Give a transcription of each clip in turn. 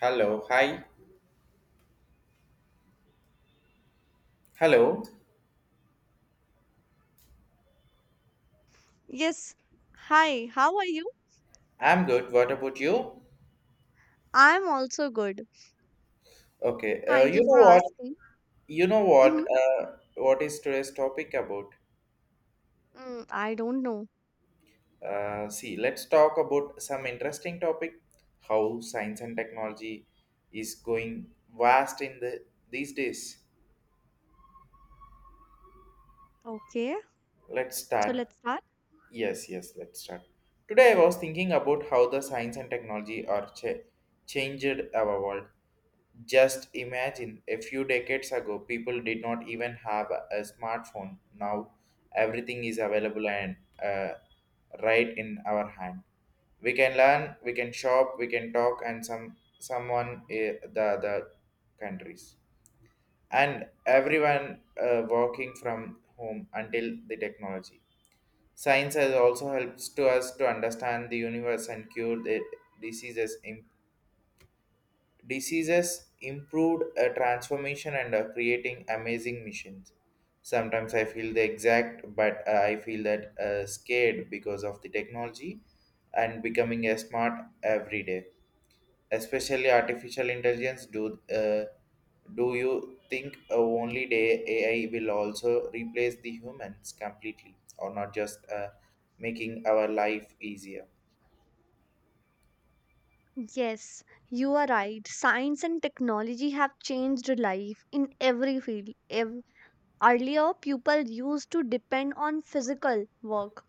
Hello, hi. Hello. Yes. Hi, how are you? I'm good. What about you? I'm also good. Okay. Thank You you for know what? asking. You know Mm-hmm. what? What is today's topic about? I don't know. See, let's talk about some interesting topic. How science and technology is going vast in these days. Okay, Let's so start. let's start. Yes, yes. Let's start. Today, I was thinking about how the science and technology are changed our world. Just imagine a few decades ago, people did not even have a smartphone. Now, everything is available and uh, right in our hand. We can learn, we can shop, we can talk, and someone the other countries. And everyone working from home until the technology. Science has also helps to us to understand the universe and cure the diseases diseases improved a transformation and are creating amazing missions. Sometimes I feel the exact, but I feel that scared because of the technology and becoming a smart every day, especially artificial intelligence. Do you think only day AI will also replace the humans completely, or not just making our life easier? Yes, you are right. Science and technology have changed life in every field. Earlier, people used to depend on physical work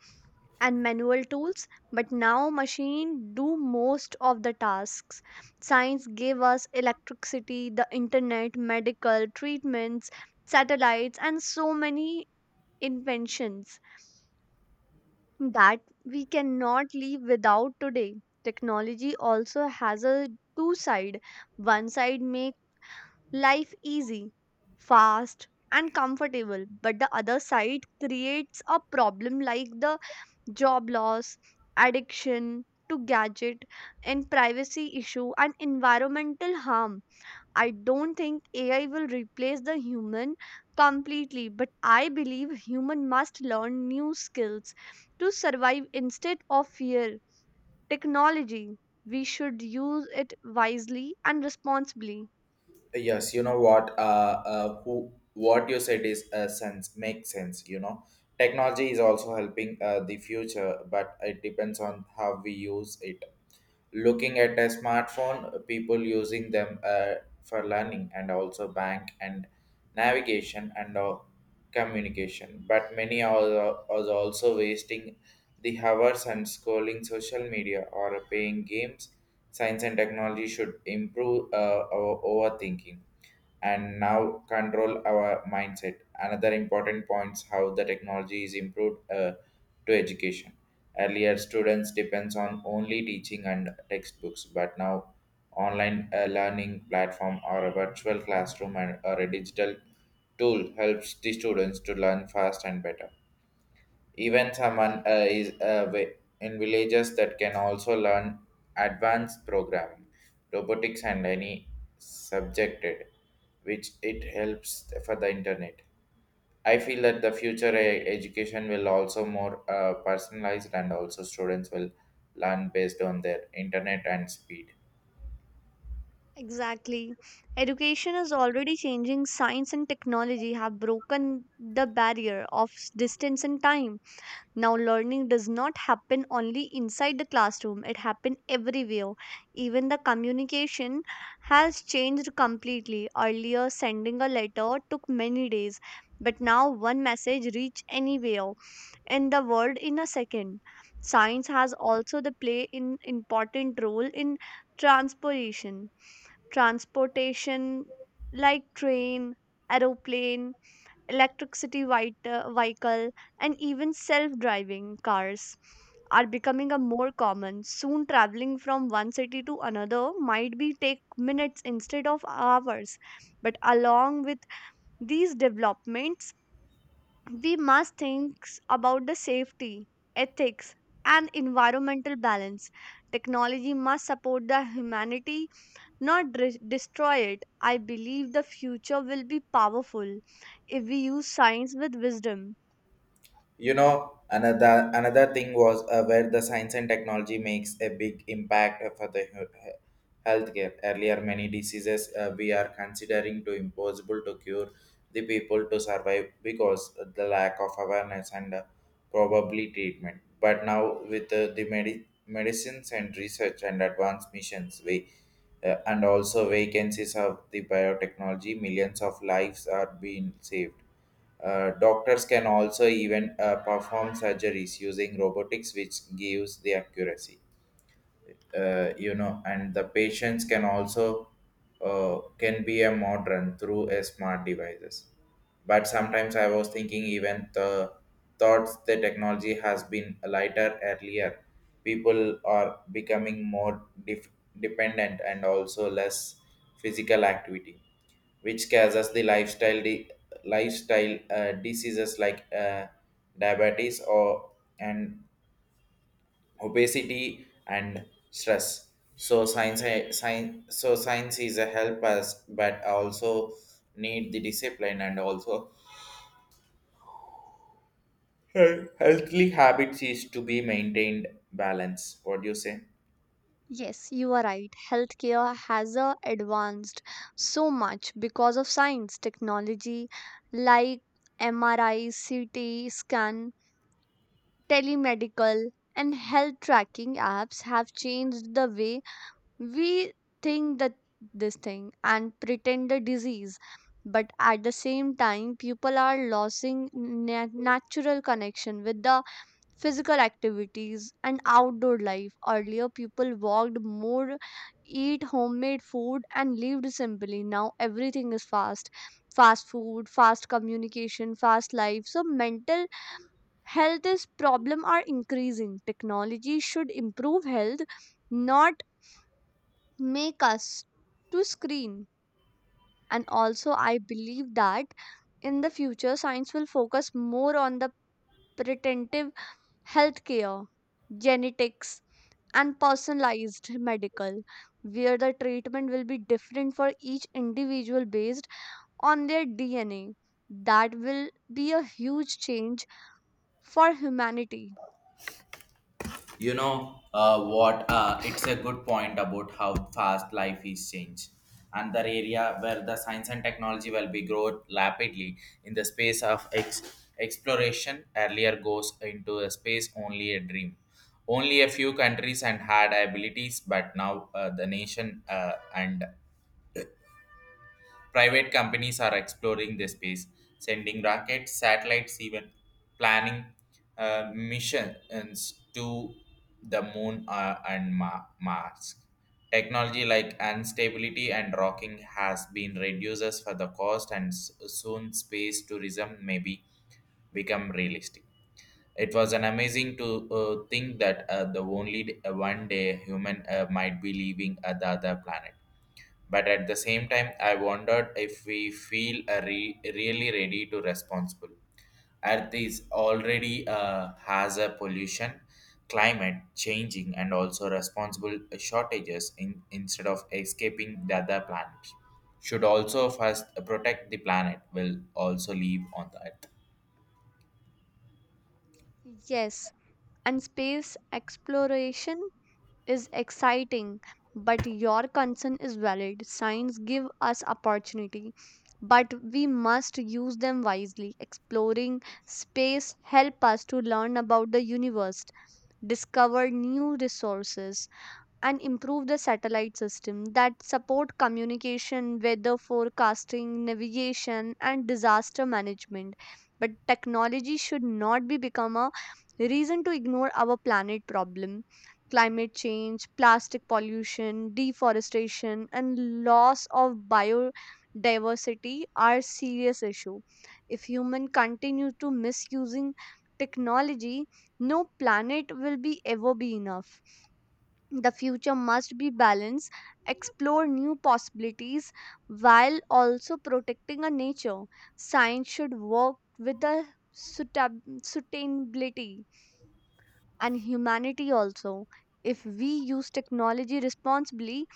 and manual tools, but now machine do most of the tasks. Science gave us electricity, the internet, medical treatments, satellites, and so many inventions that we cannot live without today. Technology also has a two side. One side make life easy, fast, and comfortable, but the other side creates a problem like the job loss, addiction to gadget, and privacy issue and environmental harm. I don't think AI will replace the human completely, but I believe human must learn new skills to survive instead of fear. Technology, we should use it wisely and responsibly. Yes, you know what? Who What you said is sense makes sense. You know, technology is also helping the future, but it depends on how we use it. Looking at a smartphone, people using them for learning and also bank and navigation and communication, but many are also wasting the hours and scrolling social media or playing games. Science and technology should improve our overthinking and now control our mindset. Another important points how the technology is improved to education. Earlier, students depends on only teaching and textbooks, but now online learning platform or a virtual classroom and or a digital tool helps the students to learn fast and better, even someone is in villages, that can also learn advanced programming, robotics, and any subjected, which it helps for the internet. I feel that the future education will also more personalized, and also students will learn based on their internet and speed. Exactly. Education is already changing. Science and technology have broken the barrier of distance and time. Now, learning does not happen only inside the classroom, it happens everywhere. Even the communication has changed completely. Earlier, sending a letter took many days, but now one message reach anywhere in the world in a second. Science has also the play in important role in transportation. Transportation like train, aeroplane, electricity vehicle, and even self-driving cars are becoming a more common. Soon traveling from one city to another might be take minutes instead of hours, but along with these developments we must think about the safety, ethics, and environmental balance. Technology must support the humanity, not destroy it. I believe the future will be powerful if we use science with wisdom. You know, another thing was, where the science and technology makes a big impact for the healthcare. Earlier, many diseases we are considering to impossible to cure the people to survive because the lack of awareness and probably treatment. But now, with the medicines and research and advanced missions, we and also vacancies of the biotechnology, millions of lives are being saved. Doctors can also even perform surgeries using robotics, which gives the accuracy, and the patients can also can be a modern through a smart devices. But sometimes I was thinking, even the thoughts the technology has been lighter. Earlier, people are becoming more dependent and also less physical activity, which causes the lifestyle lifestyle diseases, like diabetes or and obesity and stress. So science is a help us, but also need the discipline and also healthy habits is to be maintained balance. What do you say? Yes, you are right. Healthcare has advanced so much because of science, technology like MRI, CT scan, telemedical, and health tracking apps have changed the way we think that this thing and pretend the disease, but at the same time people are losing natural connection with the physical activities and outdoor life. Earlier people walked more, eat homemade food, and lived simply. Now everything is fast: fast food, fast communication, fast life. So mental health is problem are increasing. Technology should improve health, not make us to screen. And also, I believe that in the future, science will focus more on the preventive healthcare, genetics, and personalized medical, where the treatment will be different for each individual based on their DNA. That will be a huge change for humanity. You know what? It's a good point about how fast life is changed. And the area where the science and technology will be grow rapidly in the space of exploration. Earlier, goes into a space only a dream. Only a few countries and had abilities, but now the nation and private companies are exploring the space, sending rockets, satellites, even planning missions to the moon and Mars. Technology like instability and rocking has been reduces for the cost, and soon space tourism may be become realistic. It was an amazing to think that the only d- one day human might be leaving the other planet. But at the same time, I wondered if we feel a really ready to responsible. Earth is already has a pollution, climate changing, and also responsible shortages in, instead of escaping the other planet. Should also first protect the planet will also live on the earth. Yes, and space exploration is exciting, but your concern is valid. Signs give us opportunity, but we must use them wisely. Exploring space help us to learn about the universe, discover new resources, and improve the satellite system that support communication, weather forecasting, navigation, and disaster management. But technology should not be become a reason to ignore our planet problem. Climate change, plastic pollution, deforestation, and loss of biodiversity are serious issue. If humans continue to misusing technology, no planet will be ever be enough. The future must be balanced, explore new possibilities while also protecting our nature. Science should work with the sustainability and humanity also. If we use technology responsibly,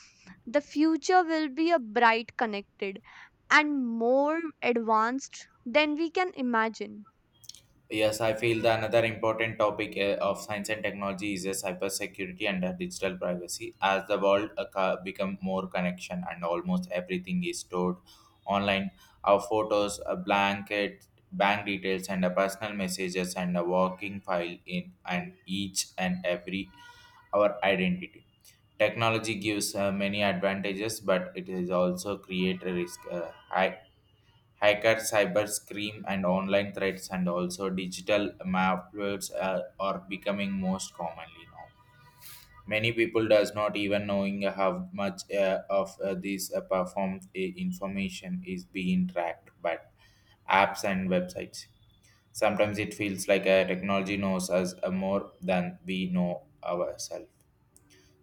the future will be a bright, connected, and more advanced than we can imagine. Yes, I feel the another important topic of science and technology is cybersecurity and digital privacy. As the world become more connection and almost everything is stored online, our photos, a blanket, bank details, and personal messages and a working file in and each and every our identity. Technology gives many advantages, but it is also create a risk. High hacker cyber scream and online threats and also digital malwares are becoming most commonly. Now many people does not even knowing how much of this performed information is being tracked by apps and websites. Sometimes it feels like technology knows us more than we know ourselves.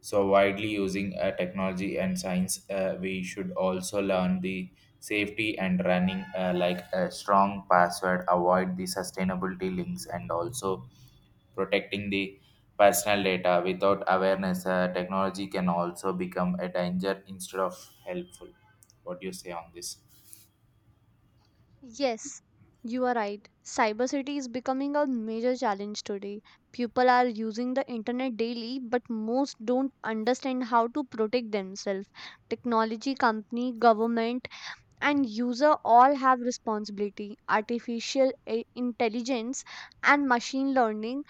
So widely using technology and science, we should also learn the safety and running, like a strong password, avoid the sustainability links, and also protecting the personal data. Without awareness, technology can also become a danger instead of helpful. What do you say on this? Yes, you are right. Cybersecurity is becoming a major challenge today. People are using the internet daily, but most don't understand how to protect themselves. Technology company, government, and user all have responsibility. Artificial intelligence and machine learning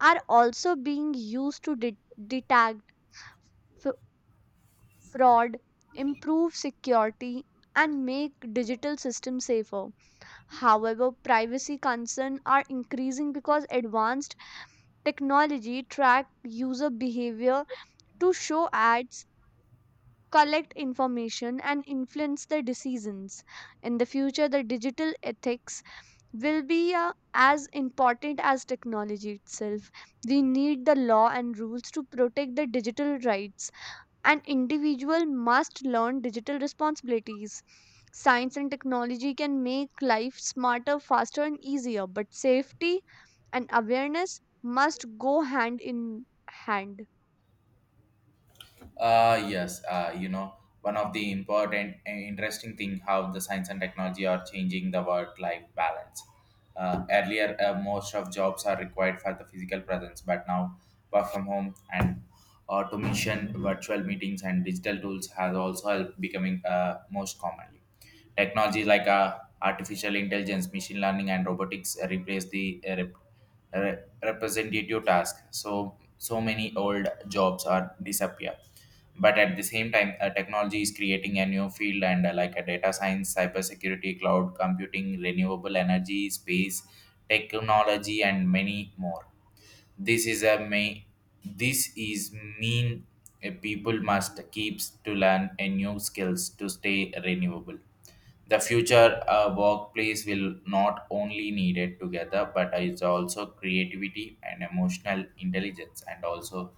are also being used to detect f- fraud, improve security, and make digital systems safer. However, privacy concerns are increasing because advanced technology track user behavior to show ads, collect information, and influence their decisions. In the future, the digital ethics will be as important as technology itself. We need the law and rules to protect the digital rights. An individual must learn digital responsibilities. Science and technology can make life smarter, faster, and easier, but safety and awareness must go hand in hand. Yes, one of the important and interesting thing how the science and technology are changing the work-life balance. Earlier, most of jobs are required for the physical presence, but now work from home and automation, virtual meetings, and digital tools has also helped becoming most commonly. Technology like artificial intelligence, machine learning, and robotics replace the representative task. So many old jobs are disappear, but at the same time technology is creating a new field, and like a data science, cybersecurity, cloud computing, renewable energy, space technology, and many more. This is a may this is mean, people must keeps to learn a new skills to stay renewable. The future workplace will not only need it together, but it's also creativity and emotional intelligence, and also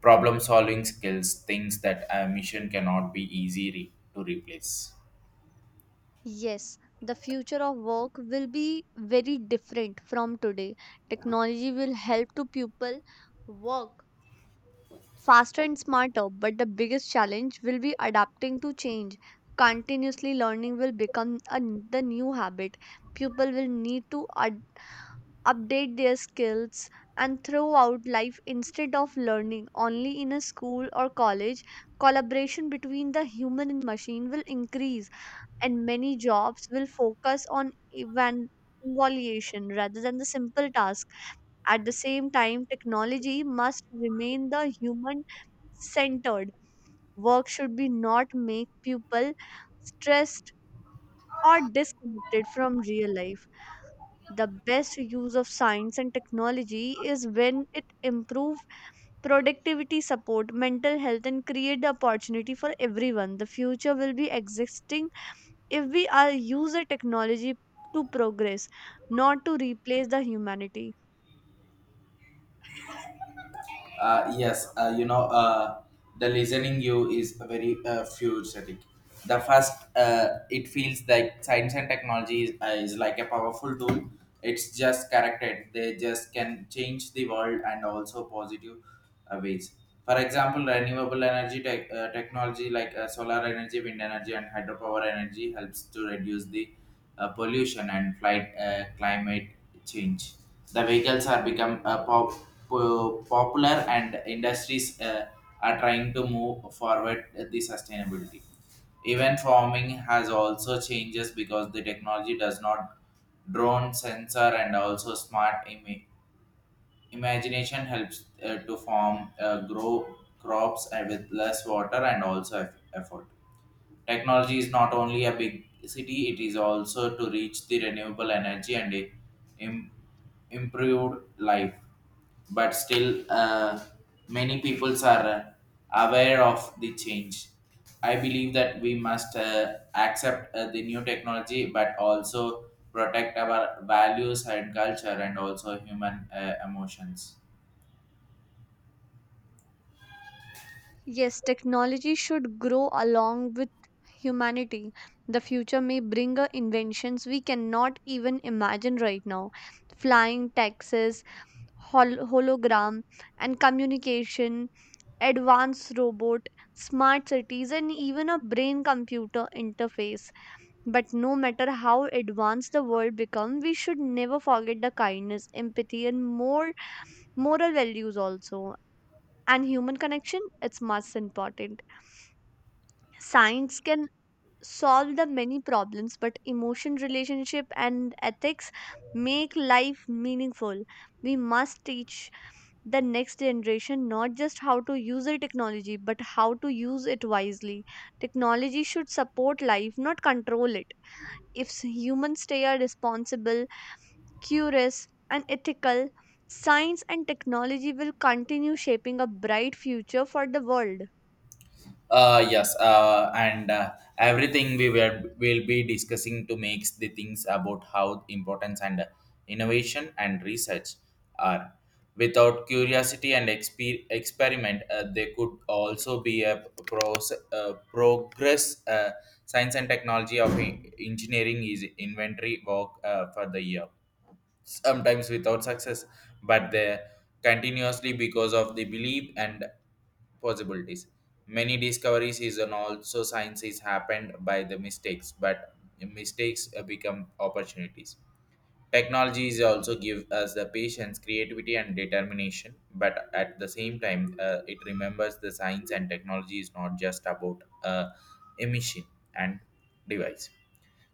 problem solving skills, things that a mission cannot be easy to replace. Yes, the future of work will be very different from today. Technology will help to people work faster and smarter, but the biggest challenge will be adapting to change. Continuously learning will become the new habit. People will need to update their skills and throughout life instead of learning only in a school or college. Collaboration between the human and machine will increase, and many jobs will focus on evan- evaluation rather than the simple task. At the same time, technology must remain the human centered. Work should be not make people stressed or disconnected from real life. The best use of science and technology is when it improve productivity, support mental health, and create the opportunity for everyone. The future will be existing if we are use a technology to progress, not to replace the humanity. Yes, the listening you is very futuristic. The first, it feels like science and technology is like a powerful tool. It's just corrected. They just can change the world and also positive ways. For example, renewable energy technology like solar energy, wind energy, and hydropower energy helps to reduce the pollution and flight climate change. The vehicles are become popular, and industries are trying to move forward the sustainability. Even farming has also changes because the technology does not drone sensor and also smart imagination helps to farm grow crops with less water and also effort. Technology is not only a big city, it is also to reach the renewable energy and a im- improved life. But still, many peoples are aware of the change. I believe that we must accept the new technology, but also protect our values and culture and also human emotions. Yes, technology should grow along with humanity. The future may bring inventions we cannot even imagine right now. Flying taxis, hologram, and communication, advanced robot, smart cities, and even a brain computer interface. But no matter how advanced the world become, we should never forget the kindness, empathy, and more moral values also. And human connection, it's most important. Science can solve the many problems, but emotion, relationship, and ethics make life meaningful. We must teach the next generation not just how to use the technology, but how to use it wisely. Technology should support life, not control it. If humans stay are responsible, curious, and ethical, science and technology will continue shaping a bright future for the world. Yes, and everything we were will be discussing to make the things about how importance and innovation and research are. Without curiosity and experiment, they could also be a progress. Science and technology of engineering is inventory work for the year, sometimes without success, but they continuously because of the belief and possibilities. Many discoveries is and also science is happened by the mistakes, but mistakes become opportunities. Technology is also give us the patience, creativity, and determination. But at the same time, it remembers the science and technology is not just about emission and device.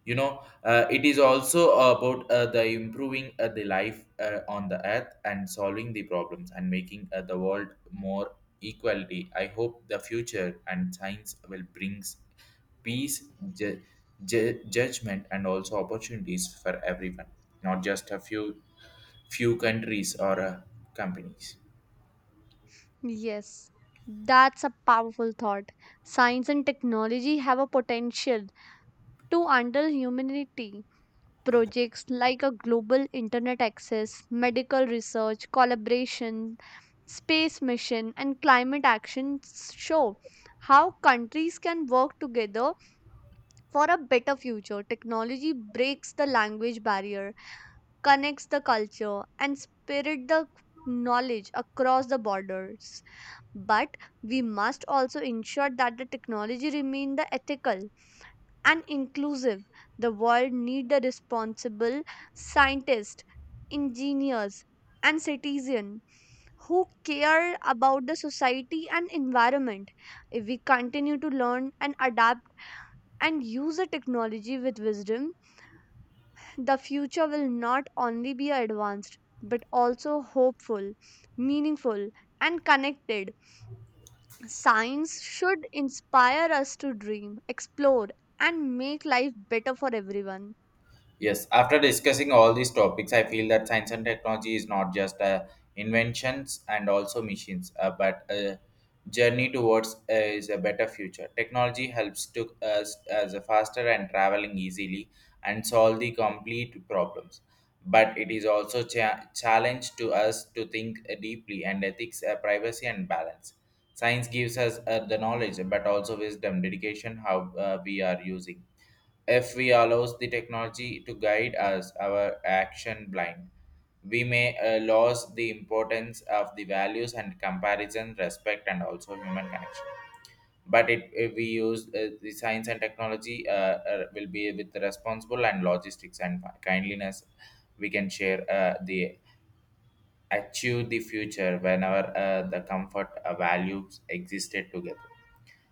You know, it is also about the improving the life on the earth, and solving the problems, and making the world more equality. I hope the future and science will brings peace, ju- judgment, and also opportunities for everyone, not just a few countries or companies. Yes, that's a powerful thought. Science and technology have a potential to handle humanity. Projects like a global internet access, medical research, collaboration, space mission, and climate action show how countries can work together for a better future. Technology breaks the language barrier, connects the culture, and spread the knowledge across the borders. But we must also ensure that the technology remain the ethical and inclusive. The world need the responsible scientists, engineers, and citizens who care about the society and environment. If we continue to learn and adapt and use the technology with wisdom, the future will not only be advanced but also hopeful, meaningful, and connected. Science should inspire us to dream, explore, and make life better for everyone. Yes, after discussing all these topics, I feel that science and technology is not just inventions and also machines, but a journey towards, is a better future. Technology helps to us as a faster and traveling easily, and solve the complete problems. But it is also challenge to us to think deeply and ethics, privacy, and balance. Science gives us the knowledge, but also wisdom, dedication, how we are using. If we allows the technology to guide us our action blind, we may lose the importance of the values and comparison, respect, and also human connection. But it, if we use the science and technology, will be with the responsible and logistics and kindliness. We can share the achieve the future whenever the comfort values existed together.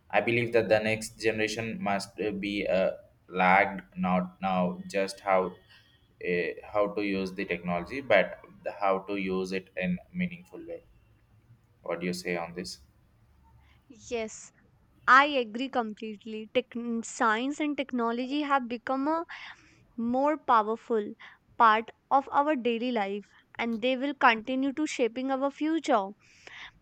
I believe that the next generation must be lagged not now just how to use the technology, but the, how to use it in meaningful way. What do you say on this? Yes, I agree completely. Science and technology have become a more powerful part of our daily life, and they will continue to shaping our future.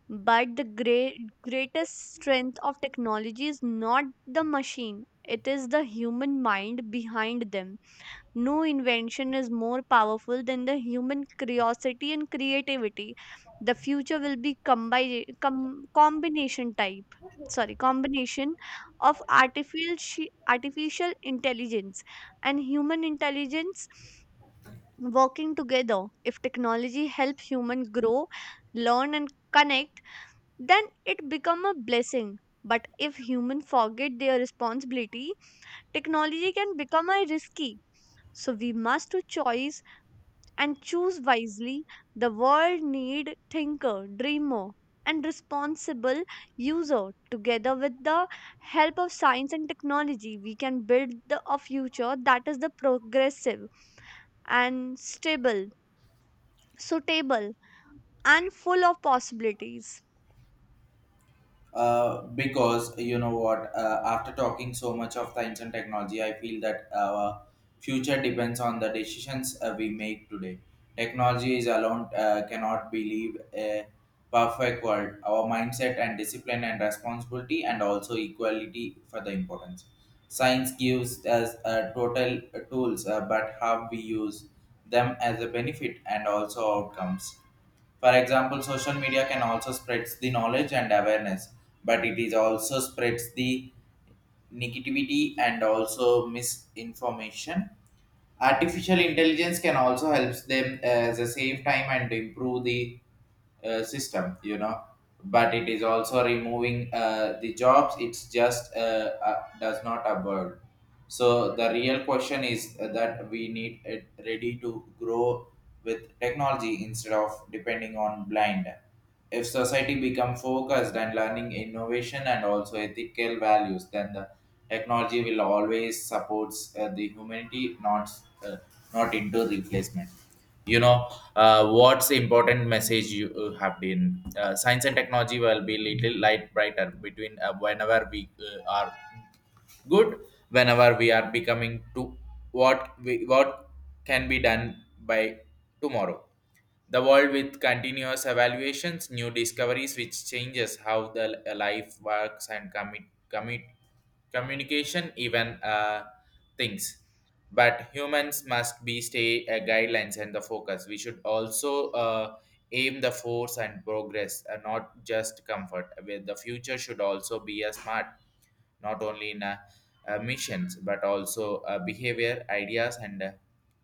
But the greatest strength of technology is not the machine, it is the human mind behind them. No invention is more powerful than the human curiosity and creativity. The future will be combination type. Sorry, combination of artificial intelligence and human intelligence working together. If technology help human grow, learn, and connect, then it become a blessing. But if humans forget their responsibility, technology can become a risky. So we must do choice and choose wisely. The world need thinker, dreamer, and responsible user. Together with the help of science and technology, we can build a future that is the progressive and stable, suitable, and full of possibilities. Because you know what, after talking so much of the ancient technology, I feel that our future depends on the decisions we make today. Technology is alone cannot believe a perfect world. Our mindset and discipline and responsibility and also equality for the importance. Science gives us total tools, but how we use them as a benefit and also outcomes. For example, social media can also spreads the knowledge and awareness, but it is also spreads the negativity and also misinformation. Artificial intelligence can also helps them as a save time and improve the system, you know. But it is also removing the jobs. It's just does not absorb. So the real question is that we need it ready to grow with technology instead of depending on blind. If society become focused and learning innovation and also ethical values, then the technology will always supports the humanity, uh, not into replacement. You know what's important message you have been. Science and technology will be little light brighter between whenever we are good whenever we are becoming to what can be done by tomorrow, the world with continuous evaluations, new discoveries, which changes how the life works and commit, communication, even things. But humans must be stay guidelines and the focus. We should also aim the force and progress, not just comfort. With the future should also be a smart, not only in missions but also behavior, ideas, and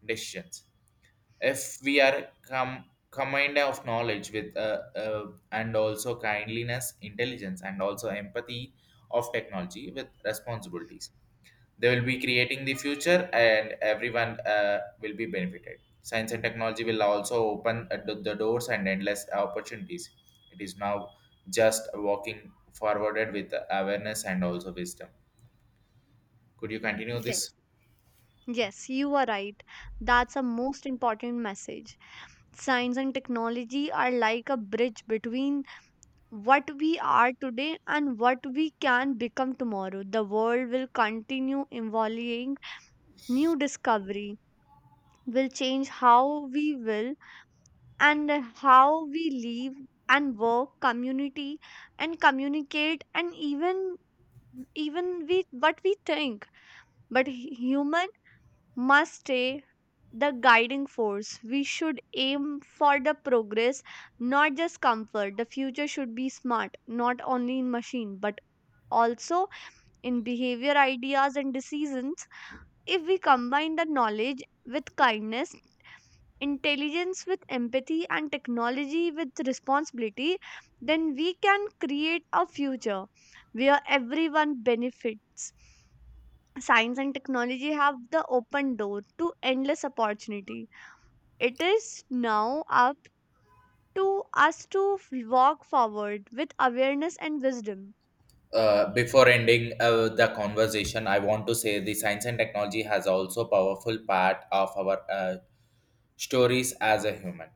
decisions. If combined of knowledge with and also kindliness intelligence and also empathy of technology with responsibilities, they will be creating the future and everyone will be benefited. Science and technology will also open the doors and endless opportunities. It is now just walking forwarded with awareness and also wisdom. Could you continue Yes. this? Yes, you are right. That's a most important message. Science and technology are like a bridge between what we are today and what we can become tomorrow. The world will continue evolving. New discovery will change how we will and how we live and work, community and communicate, and even we what we think. But human must stay the guiding force. We should aim for the progress, not just comfort. The future should be smart, not only in machine, but also in behavior, ideas, and decisions. If we combine the knowledge with kindness, intelligence with empathy, and technology with responsibility, then we can create a future where everyone benefits. Science and technology have the open door to endless opportunity. It is now up to us to walk forward with awareness and wisdom. Before ending the conversation, I want to say the science and technology has also powerful part of our stories as a human.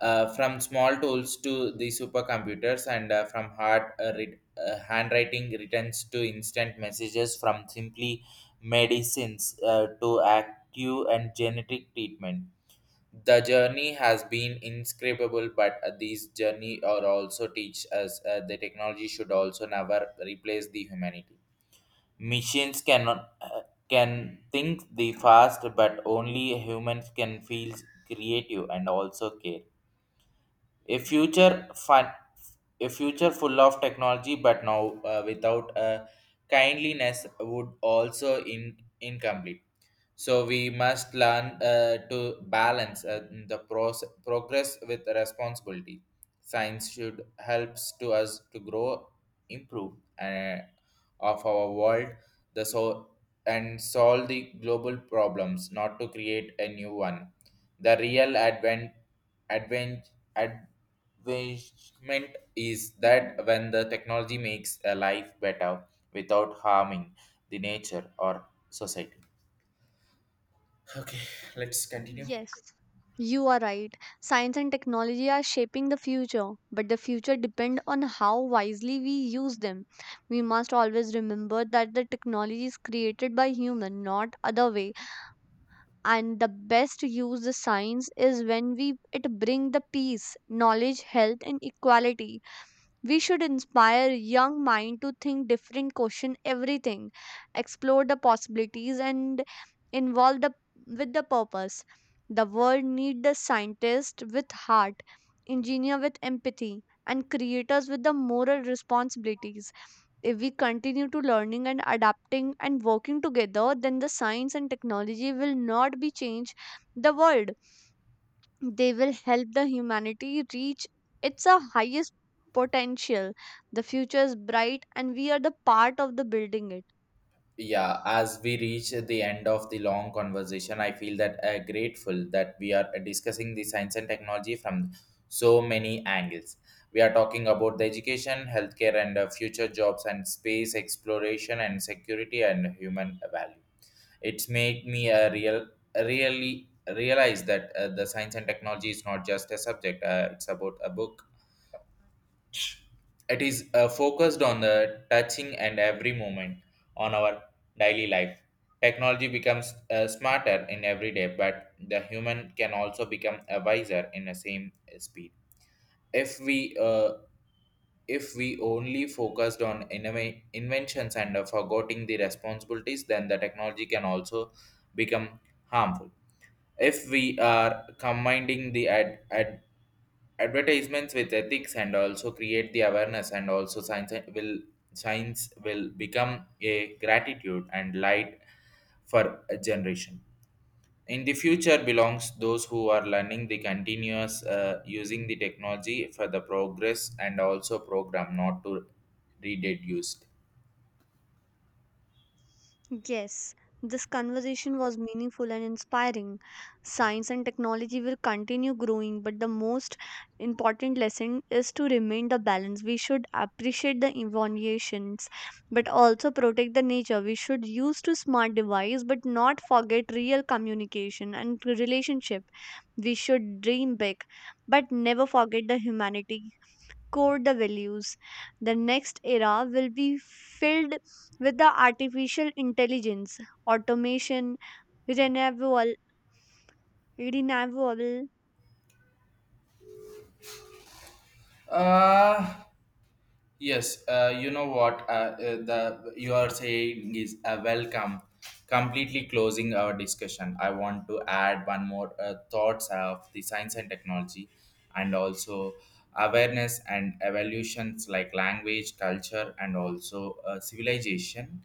From small tools to the supercomputers, and from hard handwriting returns to instant messages, from simply medicines to active and genetic treatment. The journey has been inscribable, but these journey are also teach us the technology should also never replace the humanity. Machines cannot can think the fast, but only humans can feel creative and also care. A future fun, a future full of technology, but now without kindliness would also in incomplete. So we must learn to balance progress with responsibility. Science should helps to us to grow, improve, uh, of our world the so- and solve the global problems, not to create a new one. The real advent, advent, advancement is that when the technology makes a life better without harming the nature or society. Okay, let's continue. Yes, you are right. Science and technology are shaping the future, but the future depends on how wisely we use them. We must always remember that the technology is created by human, not other way. And the best use the science is when we it bring the peace, knowledge, health, and equality. We should inspire young mind to think different, question everything, explore the possibilities, and involve the with the purpose. The world need the scientist with heart, engineer with empathy, and creators with the moral responsibilities. If we continue to learning and adapting and working together, then the science and technology will not be change the world, they will help the humanity reach its a highest potential. The future is bright, and we are the part of the building it. Yeah, as we reach the end of the long conversation, I feel that grateful that we are discussing the science and technology from so many angles. We are talking about the education, healthcare, and future jobs, and space exploration, and security, and human value. It's made me a real, really realize that the science and technology is not just a subject; it's about a book. It is focused on the touching and every moment on our daily life. Technology becomes smarter in every day, but the human can also become a wiser in the same speed. If we uh, if we only focused on inventions and forgetting the responsibilities, then the technology can also become harmful. If we are combining the ad- advantages advertisements with ethics and also create the awareness and also science will become a gratitude and light for a generation in the future belongs those who are learning the continuous using the technology for the progress and also program not to reduce. Used Yes, this conversation was meaningful and inspiring. Science and technology will continue growing, but the most important lesson is to remain the balance. We should appreciate the innovations, but also protect the nature. We should use to smart device, but not forget real communication and relationship. We should dream big, but never forget the humanity core the values. The next era will be filled with the artificial intelligence, automation, renewable renewable uh, Yes, you know what, the you are saying is welcome. Completely closing our discussion, I want to add one more thoughts of the science and technology, and also awareness and evolutions like language, culture, and also civilization,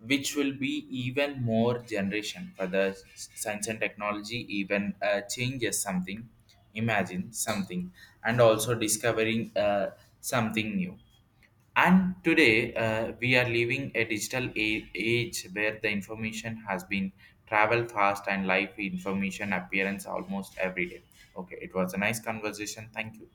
which will be even more generation for the science and technology even changes something, imagine something, and also discovering something new. And today, we are living a digital age where the information has been travel fast and live information appearance almost every day. Okay, it was a nice conversation. Thank you.